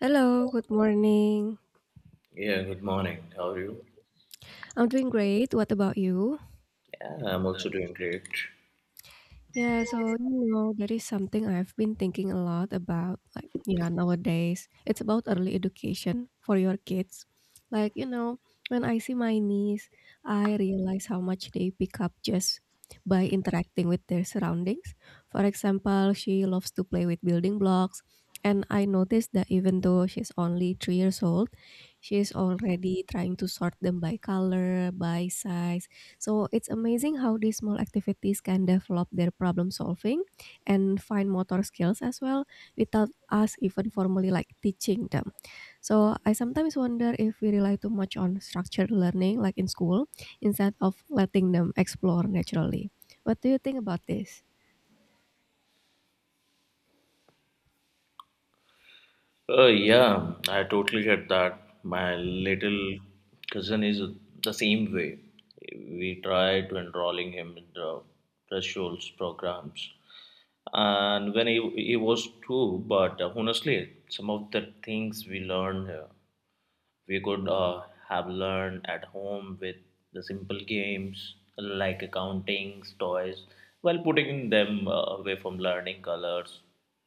Hello, good morning. Yeah, good morning. How are you? I'm doing great. What about you? Yeah, I'm also doing great. Yeah, so you know, that is something I've been thinking a lot about. Like, yeah, nowadays it's about early education for your kids. Like, you know, when I see my niece, I realize how much they pick up just by interacting with their surroundings. For example, she loves to play with building blocks, and I noticed that even though she's only 3 years old, she's already trying to sort them by color, by size, so it's amazing how these small activities can develop their problem solving and fine motor skills as well without us even formally like teaching them. So I sometimes wonder if we rely too much on structured learning like in school instead of letting them explore naturally. What do you think about this? Oh, yeah, I totally get that. My little cousin is the same way. We tried to enrolling him in the thresholds programs. And when he was two, but honestly, some of the things we learned here we could have learned at home with the simple games like accounting, toys, while putting them away from learning colors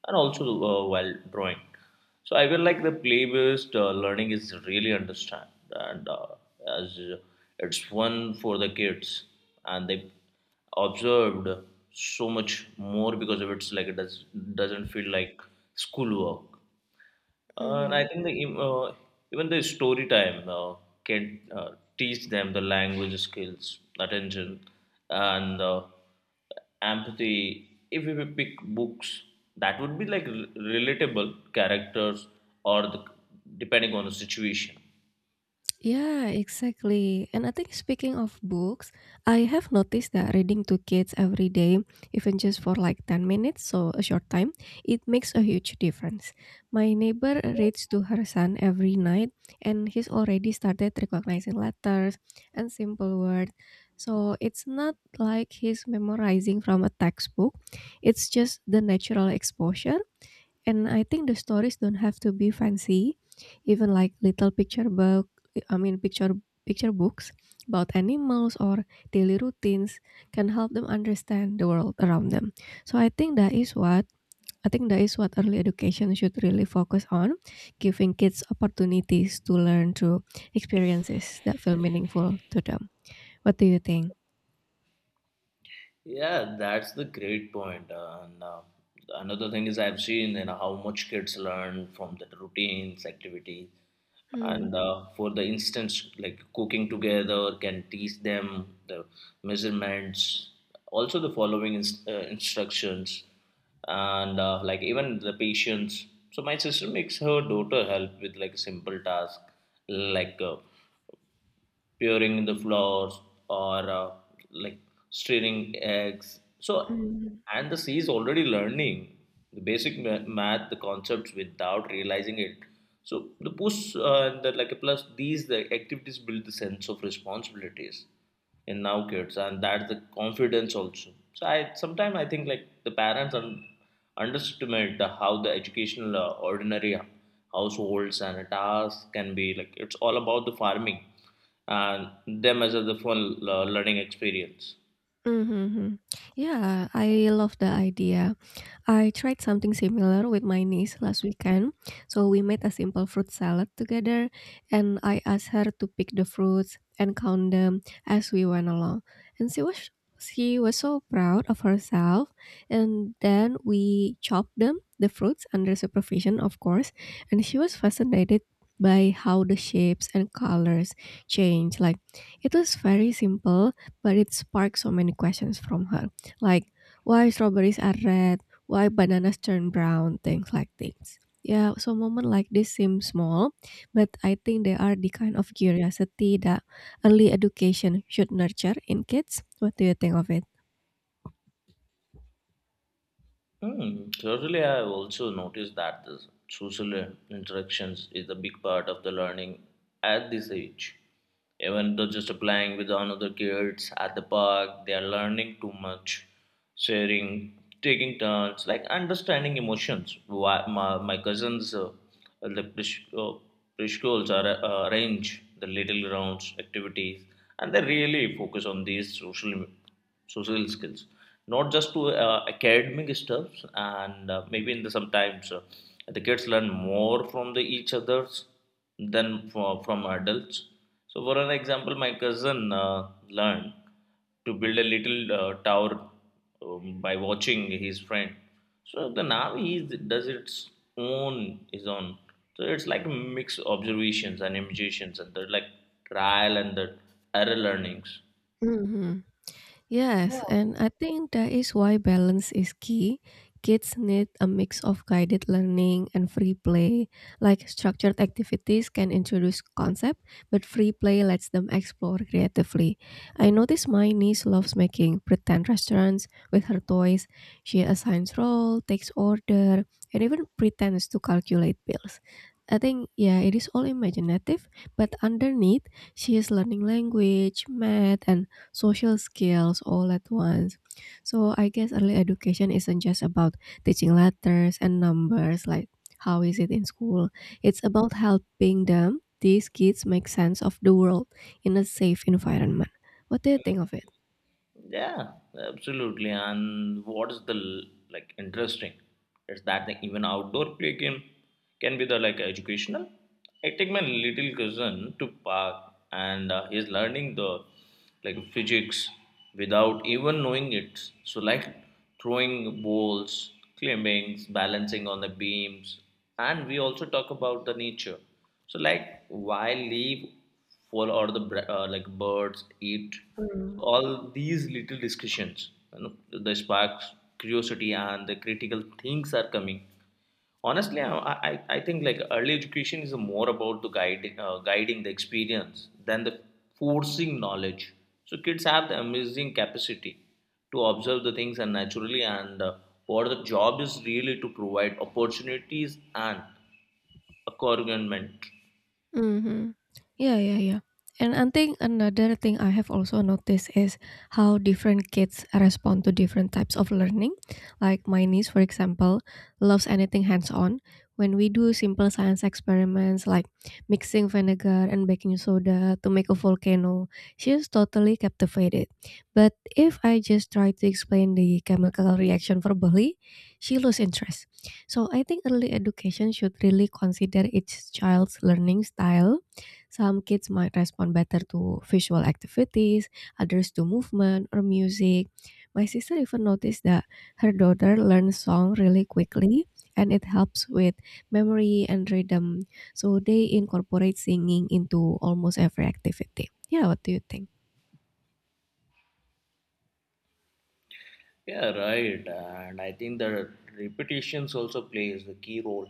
and also while drawing. So I feel like the play-based learning is really understand and as it's fun for the kids and they observed so much more because of it's like it doesn't feel like schoolwork. And I Mhm. think the even the story time can teach them the language skills, attention, and empathy. If we pick books, that would be like relatable characters or depending on the situation. Yeah, exactly. And I think speaking of books, I have noticed that reading to kids every day, even just for like 10 minutes, so a short time, it makes a huge difference. My neighbor reads to her son every night, and he's already started recognizing letters and simple words. So it's not like he's memorizing from a textbook, it's just the natural exposure, and I think the stories don't have to be fancy, even like little picture book, I mean picture books about animals or daily routines can help them understand the world around them. So I think that is what I think that is what early education should really focus on, giving kids opportunities to learn through experiences that feel meaningful to them. What do you think? Yeah, that's the great point. And another thing is I've seen how much kids learn from the routines, activities, Mm, and for the instance, like cooking together can teach them the measurements, also the following instructions, and like even the patience. So my sister makes her daughter help with like simple task, like peering the flowers or like stirring eggs. So, mm, and the sea is already learning the basic math, the concepts without realizing it. So the push and the like a plus these the activities build the sense of responsibilities in now kids and that's the confidence also. So I sometimes I think like the parents underestimate the, how the educational ordinary households and tasks can be like it's all about the farming and them as a the fun learning experience. mhm, mhm. Yeah, I love the idea. I tried something similar with my niece last weekend. So we made a simple fruit salad together, and I asked her to pick the fruits and count them as we went along. And she was so proud of herself. And then we chopped them, the fruits, under supervision, of course. And she was fascinated by how the shapes and colors change. Like it was very simple, but it sparked so many questions from her. Like why strawberries are red, why bananas turn brown, things like things. Yeah, so moments like this seem small, but I think they are the kind of curiosity that early education should nurture in kids. What do you think of it? Thirdly, I have also noticed that the social interactions is a big part of the learning at this age. Even though just playing with another kids at the park, they are learning too much, sharing, taking turns, like understanding emotions. Why, my cousins, the preschools are arrange the little rounds activities, and they really focus on these social skills not just to academic stuffs and maybe in the sometimes the kids learn more from the each others than from adults. So for an example my cousin learned to build a little tower by watching his friend so the now he does its own his own so it's like a mix of observations and imitations and the like trial and the error learnings. Mhm. Yes, and I think that is why balance is key. Kids need a mix of guided learning and free play. Like structured activities can introduce concept, but free play lets them explore creatively. I notice my niece loves making pretend restaurants with her toys. She assigns role, takes order, and even pretends to calculate bills. I think yeah, it is all imaginative, but underneath she is learning language, math, and social skills all at once. So I guess early education isn't just about teaching letters and numbers like how is it in school. It's about helping them, these kids, make sense of the world in a safe environment. What do you think of it? Yeah, absolutely. And what's like interesting is that the even outdoor play game can be the like educational. I take my little cousin to park and he's learning the like physics without even knowing it. So like throwing balls, climbing, balancing on the beams, and we also talk about the nature. So like why leave fall or the like birds eat Hmm. all these little discussions the sparks curiosity and the critical things are coming honestly I think like early education is more about the guiding the experience than the forcing knowledge so kids have the amazing capacity to observe the things and naturally and what the job is really to provide opportunities and accompaniment. Mhm. Yeah, yeah, yeah. And I think another thing I have also noticed is how different kids respond to different types of learning. Like my niece, for example, loves anything hands on. When we do simple science experiments like mixing vinegar and baking soda to make a volcano, she's totally captivated. But if I just try to explain the chemical reaction verbally, she loses interest. So I think early education should really consider each child's learning style. Some kids might respond better to visual activities, others to movement or music. My sister even noticed that her daughter learns song really quickly and it helps with memory and rhythm. So they incorporate singing into almost every activity. Yeah, what do you think? Yeah, right. And I think the repetitions also plays the key role.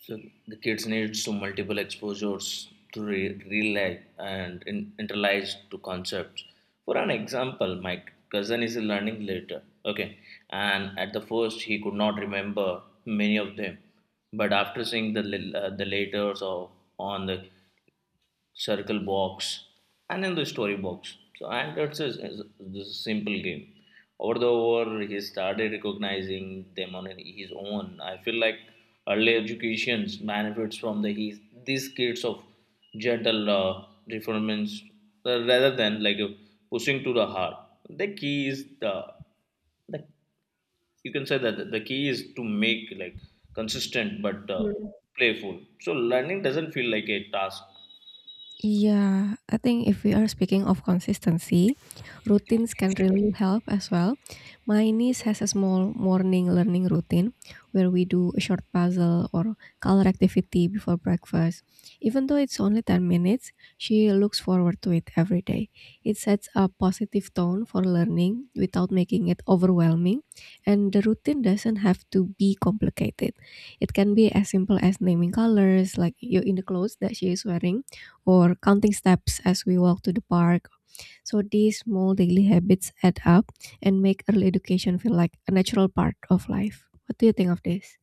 So the kids needs to multiple exposures to real life and internalize to concepts. For an example, my cousin is learning later, okay, and at the first he could not remember many of them, but after seeing the letters or on the circle box and in the story box. So this is a simple game. Over he started recognizing them on his own. I feel like early education benefits from these kids of gentle reformance rather than like pushing to the hard. The key is the you can say that the key is to make like consistent but Hmm. playful. So learning doesn't feel like a task. Yeah, I think if we are speaking of consistency, routines can really help as well. My niece has a small morning learning routine where we do a short puzzle or color activity before breakfast. Even though it's only 10 minutes, she looks forward to it every day. It sets a positive tone for learning without making it overwhelming, and the routine doesn't have to be complicated. It can be as simple as naming colors like you in the clothes that she is wearing or counting steps as we walk to the park. So these small daily habits add up and make early education feel like a natural part of life. What do you think of this?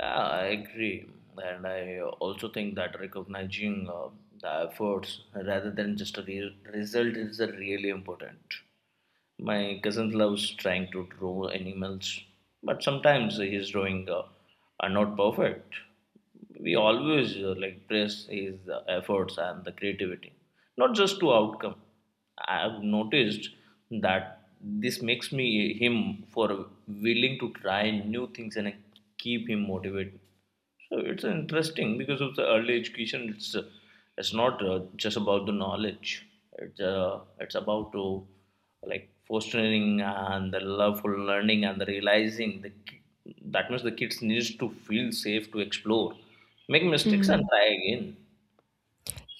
Yeah, I agree. And I also think that recognizing the efforts rather than just a result is really important. My cousin loves trying to draw animals, but sometimes his drawing are not perfect. We always like praise his efforts and the creativity, not just to outcome. I've noticed that this makes me him for willing to try new things and keep him motivated. So it's interesting because of the early education. It's not just about the knowledge. It's about to like fostering and the love for learning and the realizing that means the kids needs to feel safe to explore, make mistakes and Mm. try again.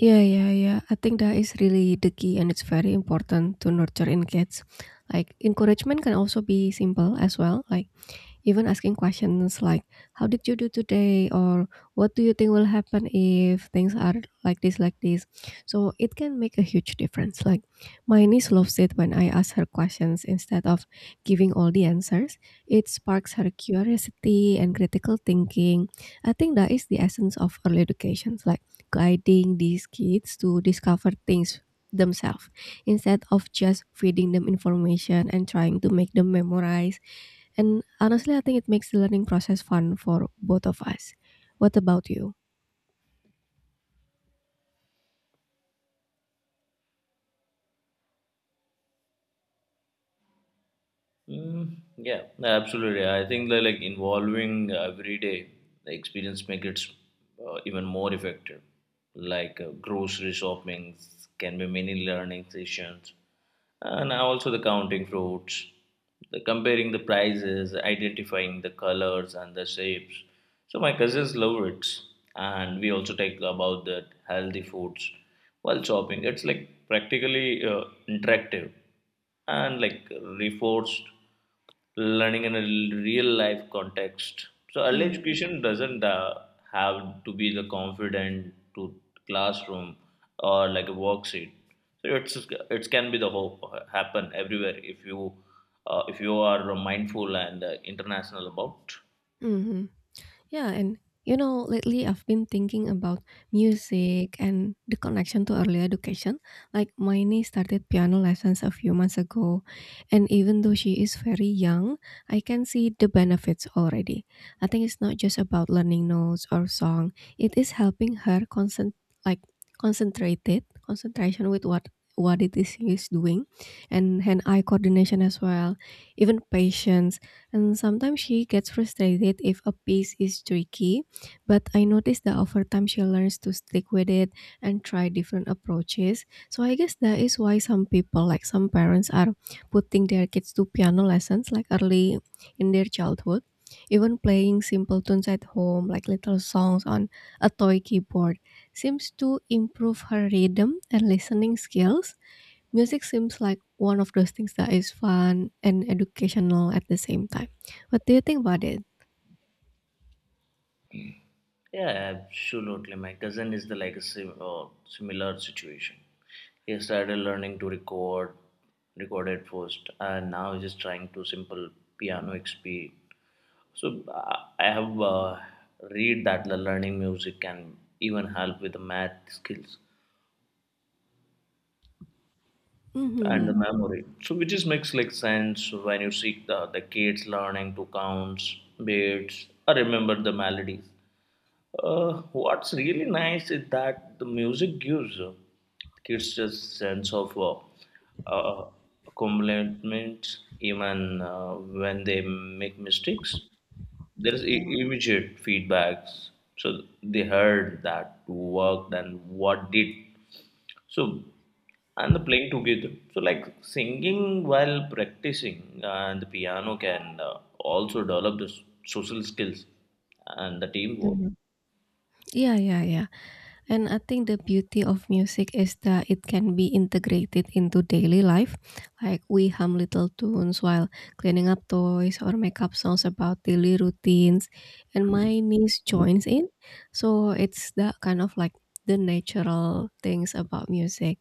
Yeah, yeah, yeah. I think that is really the key, and it's very important to nurture in kids. Like encouragement can also be simple as well, like even asking questions like how did you do today, or what do you think will happen if things are like this, so it can make a huge difference. Like my niece loves it when I ask her questions instead of giving all the answers. It sparks her curiosity and critical thinking. I think that is the essence of early education, like guiding these kids to discover things themselves instead of just feeding them information and trying to make them memorize. And honestly, I think it makes the learning process fun for both of us. What about you? Mm, yeah, absolutely. I think that like involving everyday experience make it even more effective. Like grocery shopping can be many learning sessions and also the counting fruits, the comparing the prices, identifying the colors and the shapes. So my cousins love it, and we also talk about the healthy foods while shopping. It's like practically interactive and like reinforced learning in a real life context. So early Mm. education doesn't have to be the confident to classroom or like a worksheet. So it can be the hope happen everywhere if you are mindful and international about. Hmm. Yeah, and you know, lately I've been thinking about music and the connection to early education. Like my niece started piano lessons a few months ago, and even though she is very young, I can see the benefits already. I think it's not just about learning notes or song; it is helping her concent, like concentrated concentration with what it is she is doing, and hand eye coordination as well, even patience. And sometimes she gets frustrated if a piece is tricky, but I notice that over time she learns to stick with it and try different approaches. So I guess that is why some people, like some parents, are putting their kids to piano lessons like early in their childhood. Even playing simple tunes at home, like little songs on a toy keyboard, seems to improve her rhythm and listening skills. Music seems like one of those things that is fun and educational at the same time. What do you think about it? Yeah, absolutely. My cousin is the like a similar situation. He started learning to recorded first, and now he's just trying to simple piano XP. So I have read that the learning music can even help with the math skills and the Mm-hmm. memory. So which is makes like sense when you see the kids learning to counts, beats, or remember the melodies. What's really nice is that the music gives kids a sense of uh, accomplishment even when they make mistakes. There is Yeah. Immediate feedbacks so they heard that worked and what did so and the playing together so like singing while practicing and the piano can also develop the social skills and the teamwork. Mhm. Yeah, yeah, yeah. And I think the beauty of music is that it can be integrated into daily life. Like we hum little tunes while cleaning up toys or make up songs about daily routines. And my niece joins in. So it's that kind of like the natural things about music.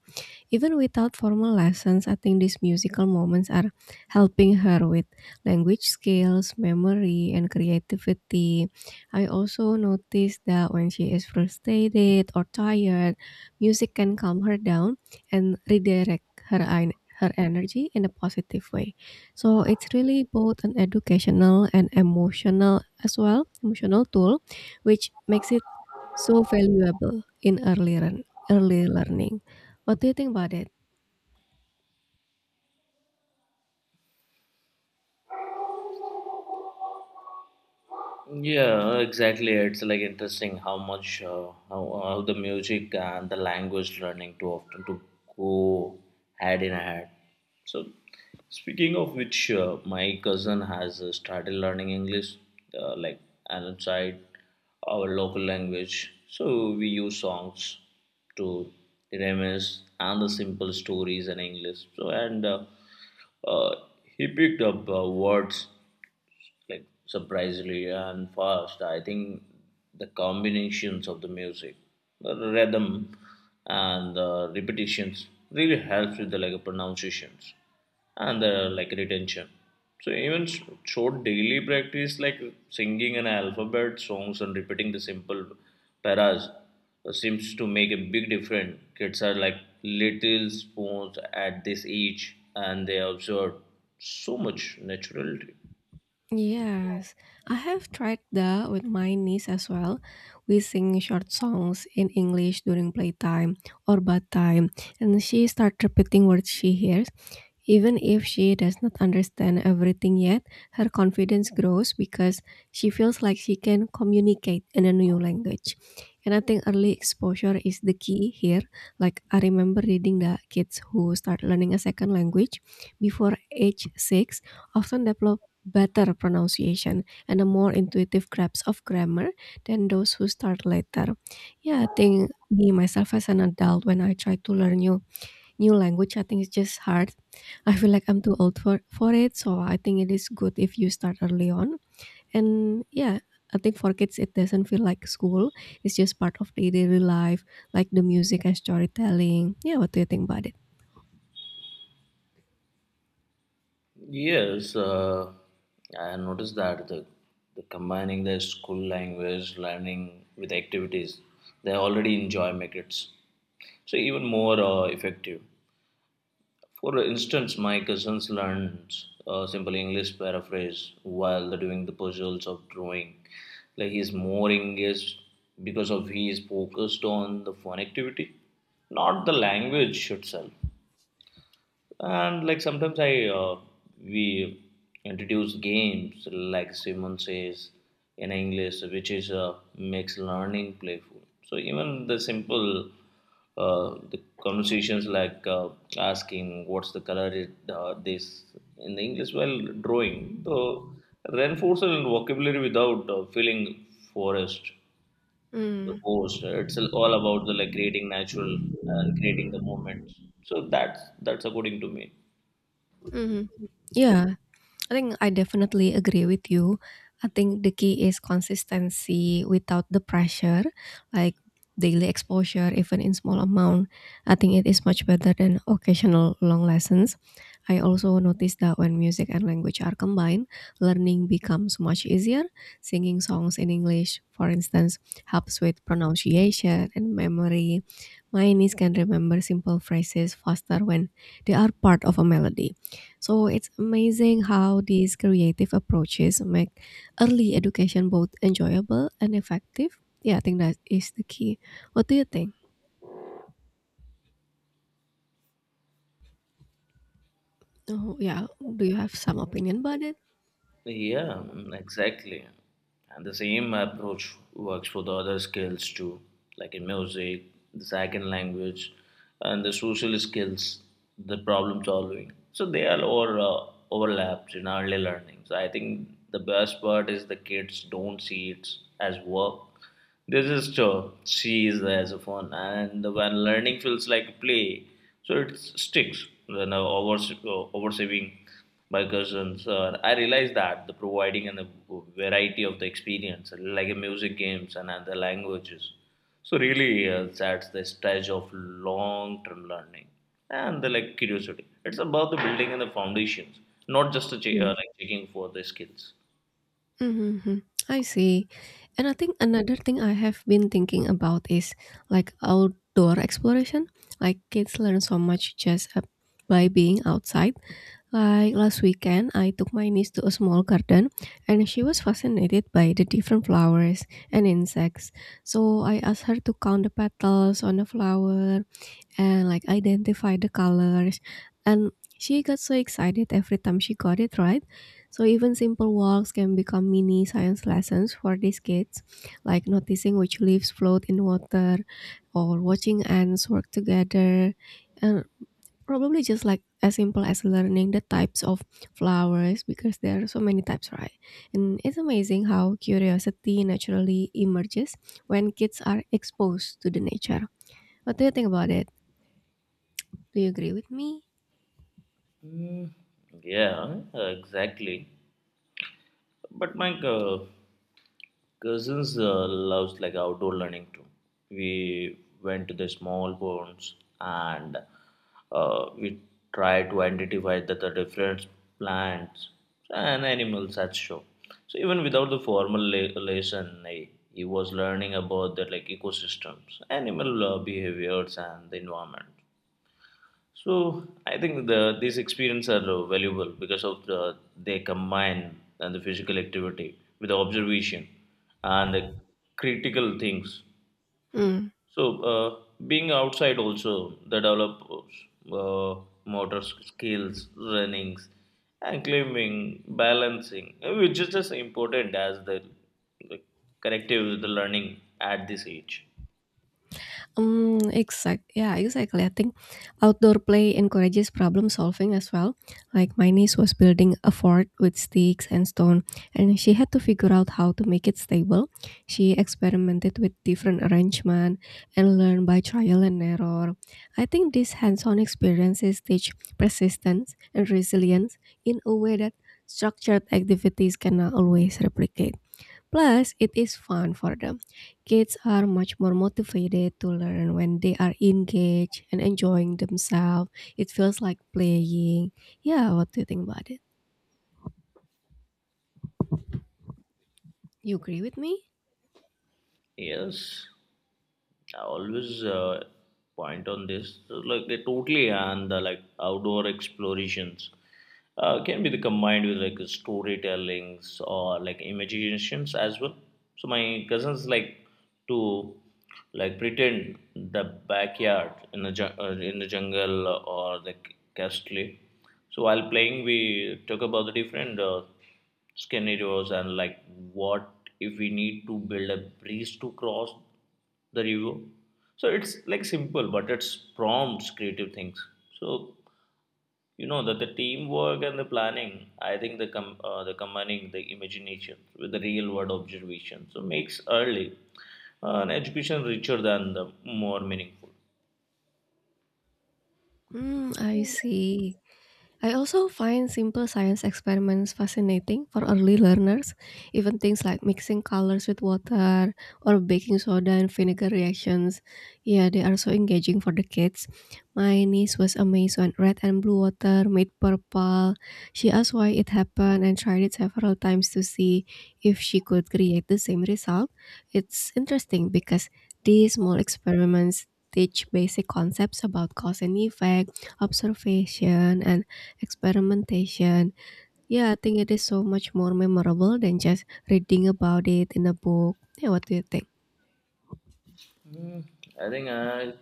Even without formal lessons, I think these musical moments are helping her with language skills, memory, and creativity. I also noticed that when she is frustrated or tired, music can calm her down and redirect her her energy in a positive way. So it's really both an educational and emotional as well, emotional tool, which makes it so valuable in early learning. What do you think about it? Yeah, exactly. It's like interesting how the music and the language learning too often to go hand in hand. So, speaking of which, my cousin has started learning English, like outside our local language. So we use songs to reminisce and the simple stories in English. So and uh, he picked up words like surprisingly and fast. I think the combinations of the music, the rhythm, and the repetitions really helps with the like pronunciations and the like retention. So even short daily practice like singing an alphabet songs and repeating the simple paras seems to make a big difference. Kids are like little spoons at this age and they observe so much naturality. Yes, I have tried that with my niece as well. We sing short songs in English during playtime or bath time, and she starts repeating words she hears. Even if she does not understand everything yet, her confidence grows because she feels like she can communicate in a new language. And I think early exposure is the key here. Like, I remember reading that kids who start learning a second language before age six often develop better pronunciation and a more intuitive grasp of grammar than those who start later. Yeah, I think me myself as an adult, when I try to learn new language, I think it's just hard. I feel like I'm too old for it, so I think it is good if you start early on. And yeah, I think for kids it doesn't feel like school, it's just part of their daily life, like the music and storytelling. Yeah, what do you think about it? Yes, I noticed that the combining the school language learning with activities they already enjoy make it so even more effective. For instance, my cousins learned simple English paraphrase while they're doing the puzzles of drawing. Like he's more engaged because of he is focused on the fun activity, not the language itself and like sometimes I uh, we introduce games like Simon Says in English which is makes learning playful so even the simple the conversations like asking what's the color this in the English while drawing so reinforce the vocabulary without feeling forced. The Mm. host it's all about the like creating natural and creating the moment so that's according to me. Hmm. Yeah, I think I definitely agree with you. I think the key is consistency without the pressure, like daily exposure, even in small amount. I think it is much better than occasional long lessons. I also noticed that when music and language are combined, learning becomes much easier. Singing songs in English, for instance, helps with pronunciation and memory. My niece can remember simple phrases faster when they are part of a melody. So it's amazing how these creative approaches make early education both enjoyable and effective. Yeah, I think that is the key. What do you think? Oh, yeah. Do you have some opinion about it? Yeah, mm, exactly. And the same approach works for the other skills too, like in music, the second language, and the social skills, the problem solving. So they are overlapped in early learning. So I think the best part is the kids don't see it as work, this is true. She is the saxophone, and when learning feels like play, so it sticks. When I oversaving by cousins, I realized that the providing and the variety of the experience, like a music games and other languages, so really sets the stage of long-term learning and the like curiosity. It's about the building and the foundations, not just the Mm. like checking for the skills. Mm-hmm. I see. And I think another thing I have been thinking about is like outdoor exploration. Like kids learn so much just by being outside. Like last weekend, I took my niece to a small garden and she was fascinated by the different flowers and insects. So I asked her to count the petals on the flower and like identify the colors. And she got so excited every time she got it right. So even simple walks can become mini science lessons for these kids, like noticing which leaves float in water or watching ants work together. And probably just like as simple as learning the types of flowers because there are so many types, right? And it's amazing how curiosity naturally emerges when kids are exposed to the nature. What do you think about it? Do you agree with me? Mm, yeah, exactly. But my cousins loves like outdoor learning too. We went to the small ponds and we tried to identify the different plants and animals at show. So even without the formal lesson, he was learning about the like ecosystems, animal behaviors, and the environment. So I think these experiences are valuable because of the they combine and the physical activity with the observation and the critical things. Hmm. So being outside also the develops uh, motor skills, runnings, and climbing, balancing, which is as important as the corrective the learning at this age. Mm, exact. Yeah, exactly. I think outdoor play encourages problem solving as well. Like my niece was building a fort with sticks and stone, and she had to figure out how to make it stable. She experimented with different arrangement and learned by trial and error. I think these hands-on experiences teach persistence and resilience in a way that structured activities cannot always replicate. Plus, it is fun for them. Kids are much more motivated to learn when they are engaged and enjoying themselves. It feels like playing. Yeah, what do you think about it? You agree with me? Yes, I always point on this. Like they totally and the like outdoor explorations can be the combined with like storytellings or like imaginations as well. So my cousins like to like pretend the backyard in the in the jungle or the castle. So while playing, we talk about the different. Scenarios and like what if we need to build a bridge to cross the river, so it's like simple but it's prompts creative things, so you know that the teamwork and the planning. I think the the combining the imagination with the real world observation so makes early an education richer than the more meaningful. Hmm, I see. I also find simple science experiments fascinating for early learners, even things like mixing colors with water or baking soda and vinegar reactions. Yeah, they are so engaging for the kids. My niece was amazed when red and blue water made purple. She asked why it happened and tried it several times to see if she could create the same result. It's interesting because these small experiments teach basic concepts about cause and effect, observation, and experimentation. Yeah, I think it is so much more memorable than just reading about it in a book. Yeah, what do you think? i think i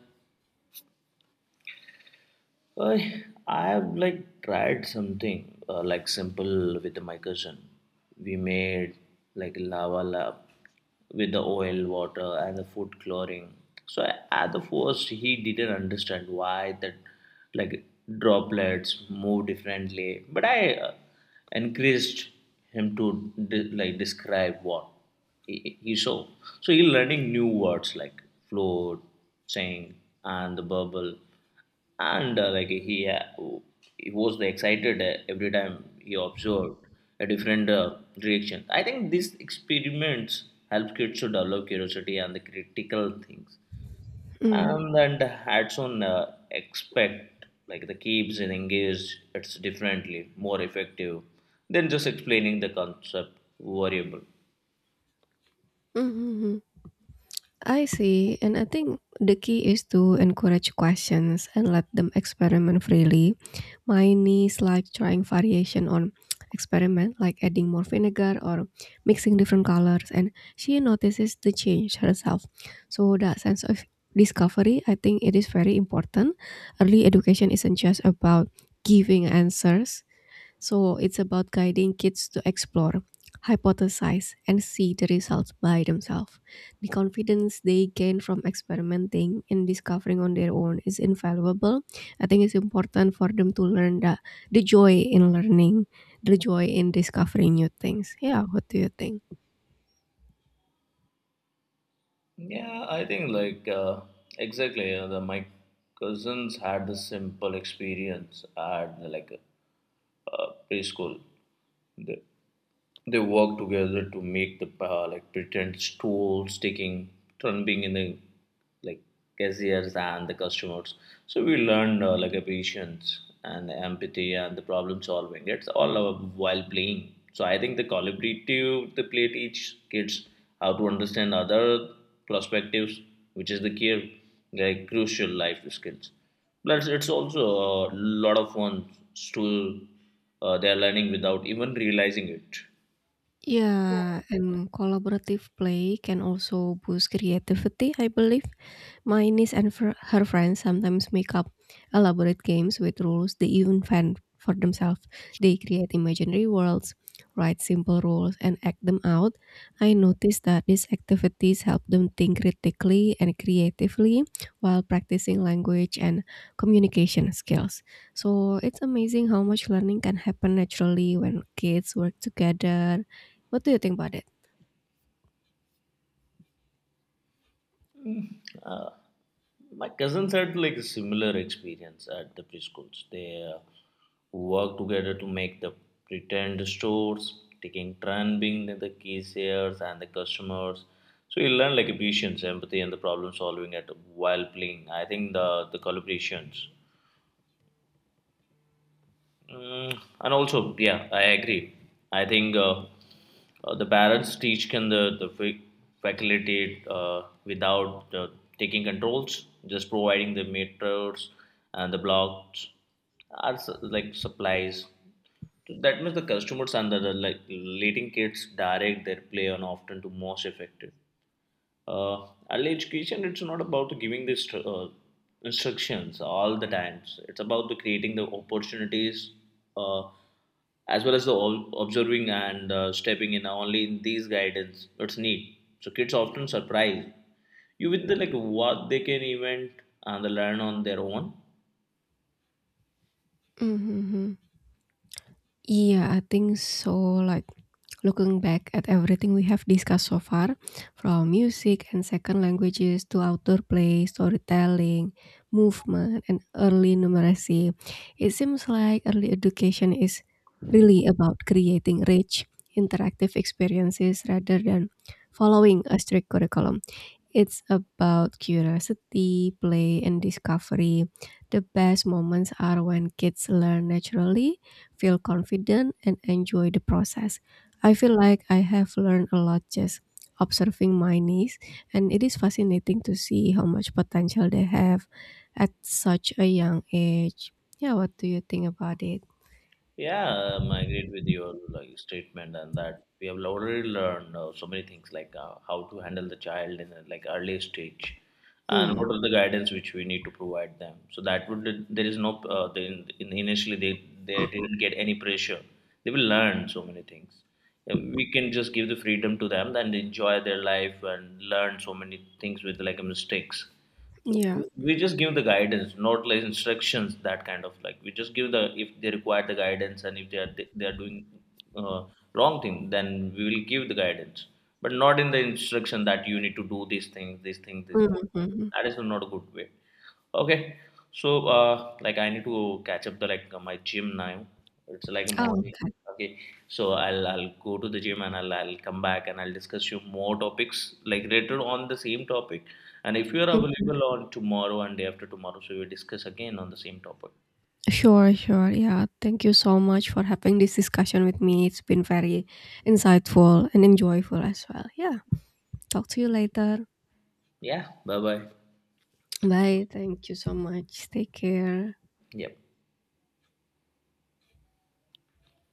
I I have like tried something like simple with my cousin. We made like lava lab with the oil, water, and the food coloring. So at the first, he didn't understand why that like droplets move differently. But I encouraged him to like describe what he saw. So he's learning new words like float, sink, and the bubble, and he was the excited every time he observed a different reaction. I think these experiments help kids to develop curiosity and the critical things, Mm. and then adds on expect like the keeps and engaged. It's differently more effective than just explaining the concept variable. Mm-hmm. I see. And I think the key is to encourage questions and let them experiment freely. Mine is like trying variation on experiment, like adding more vinegar or mixing different colors, and she notices the change herself. So that sense of discovery, I think it is very important. Early education isn't just about giving answers. So it's about guiding kids to explore, hypothesize, and see the results by themselves. The confidence they gain from experimenting and discovering on their own is invaluable. I think it's important for them to learn the joy in learning, the joy in discovering new things. Yeah, what do you think? Yeah, I think like exactly my cousins had the simple experience at like preschool. The, they work together to make the like pretend stools, taking turn being in the like cashiers and the customers. So we learned like a patience and empathy and the problem solving, it's all while playing. So I think the collaborative the play teach kids how to understand other perspectives, which is the key like crucial life skills. Plus it's also a lot of fun. Still, they're learning without even realizing it. Yeah. Yeah, and collaborative play can also boost creativity, I believe. My niece and her friends sometimes make up elaborate games with rules they even invent for themselves. They create imaginary worlds, write simple rules, and act them out. I noticed that these activities help them think critically and creatively while practicing language and communication skills. So it's amazing how much learning can happen naturally when kids work together. What do you think about it? Uh, my cousins had like a similar experience at the preschools. They uh, worked together to make the pretend stores, taking turn being the cashiers and the customers. So you learn like patience, empathy, and the problem solving at while playing. I think the collaborations. Mm, and also, yeah, I agree. I think the parents teach can the faculty without taking controls, just providing the meters and the blocks are like supplies. So, that means the customers and the like letting kids direct their play on often to most effective. Early education, it's not about giving the instructions all the times, it's about the creating the opportunities uh, as well as the observing and stepping in only in these guidance it's need. So kids often surprise you with the like what they can invent and learn on their own. Mhm. Yeah, I think so. Like looking back at everything we have discussed so far, from music and second languages to outdoor play, storytelling, movement, and early numeracy, it seems like early education is really about creating rich, interactive experiences rather than following a strict curriculum. It's about curiosity, play, and discovery. The best moments are when kids learn naturally, feel confident, and enjoy the process. I feel like I have learned a lot just observing my niece, and it is fascinating to see how much potential they have at such a young age. Yeah, what do you think about it? Yeah, I agreed with your like statement and that we have already learned so many things like how to handle the child in a, like early stage, and Mm, what are the guidance which we need to provide them. So that would there is no they, initially they didn't get any pressure. They will learn so many things. We can just give the freedom to them and enjoy their life and learn so many things with like mistakes. So yeah. we just give the guidance, not like instructions. That kind of like we just give the if they require the guidance, and if they are doing uh, wrong thing, then we will give the guidance, but not in the instruction that you need to do these things, these things, these things. Mhm. That is not a good way. Okay, so like I need to catch up the like my gym now. It's like Oh, morning. okay. Okay, so I'll go to the gym and I'll come back and I'll discuss you more topics like later on the same topic. And if you are Mm-hmm. available on tomorrow and day after tomorrow, so we'll discuss again on the same topic. Sure, sure. Yeah. Thank you so much for having this discussion with me. It's been very insightful and enjoyable as well. Yeah. Talk to you later. Yeah, bye bye. Bye. Thank you so much. Take care. Yep.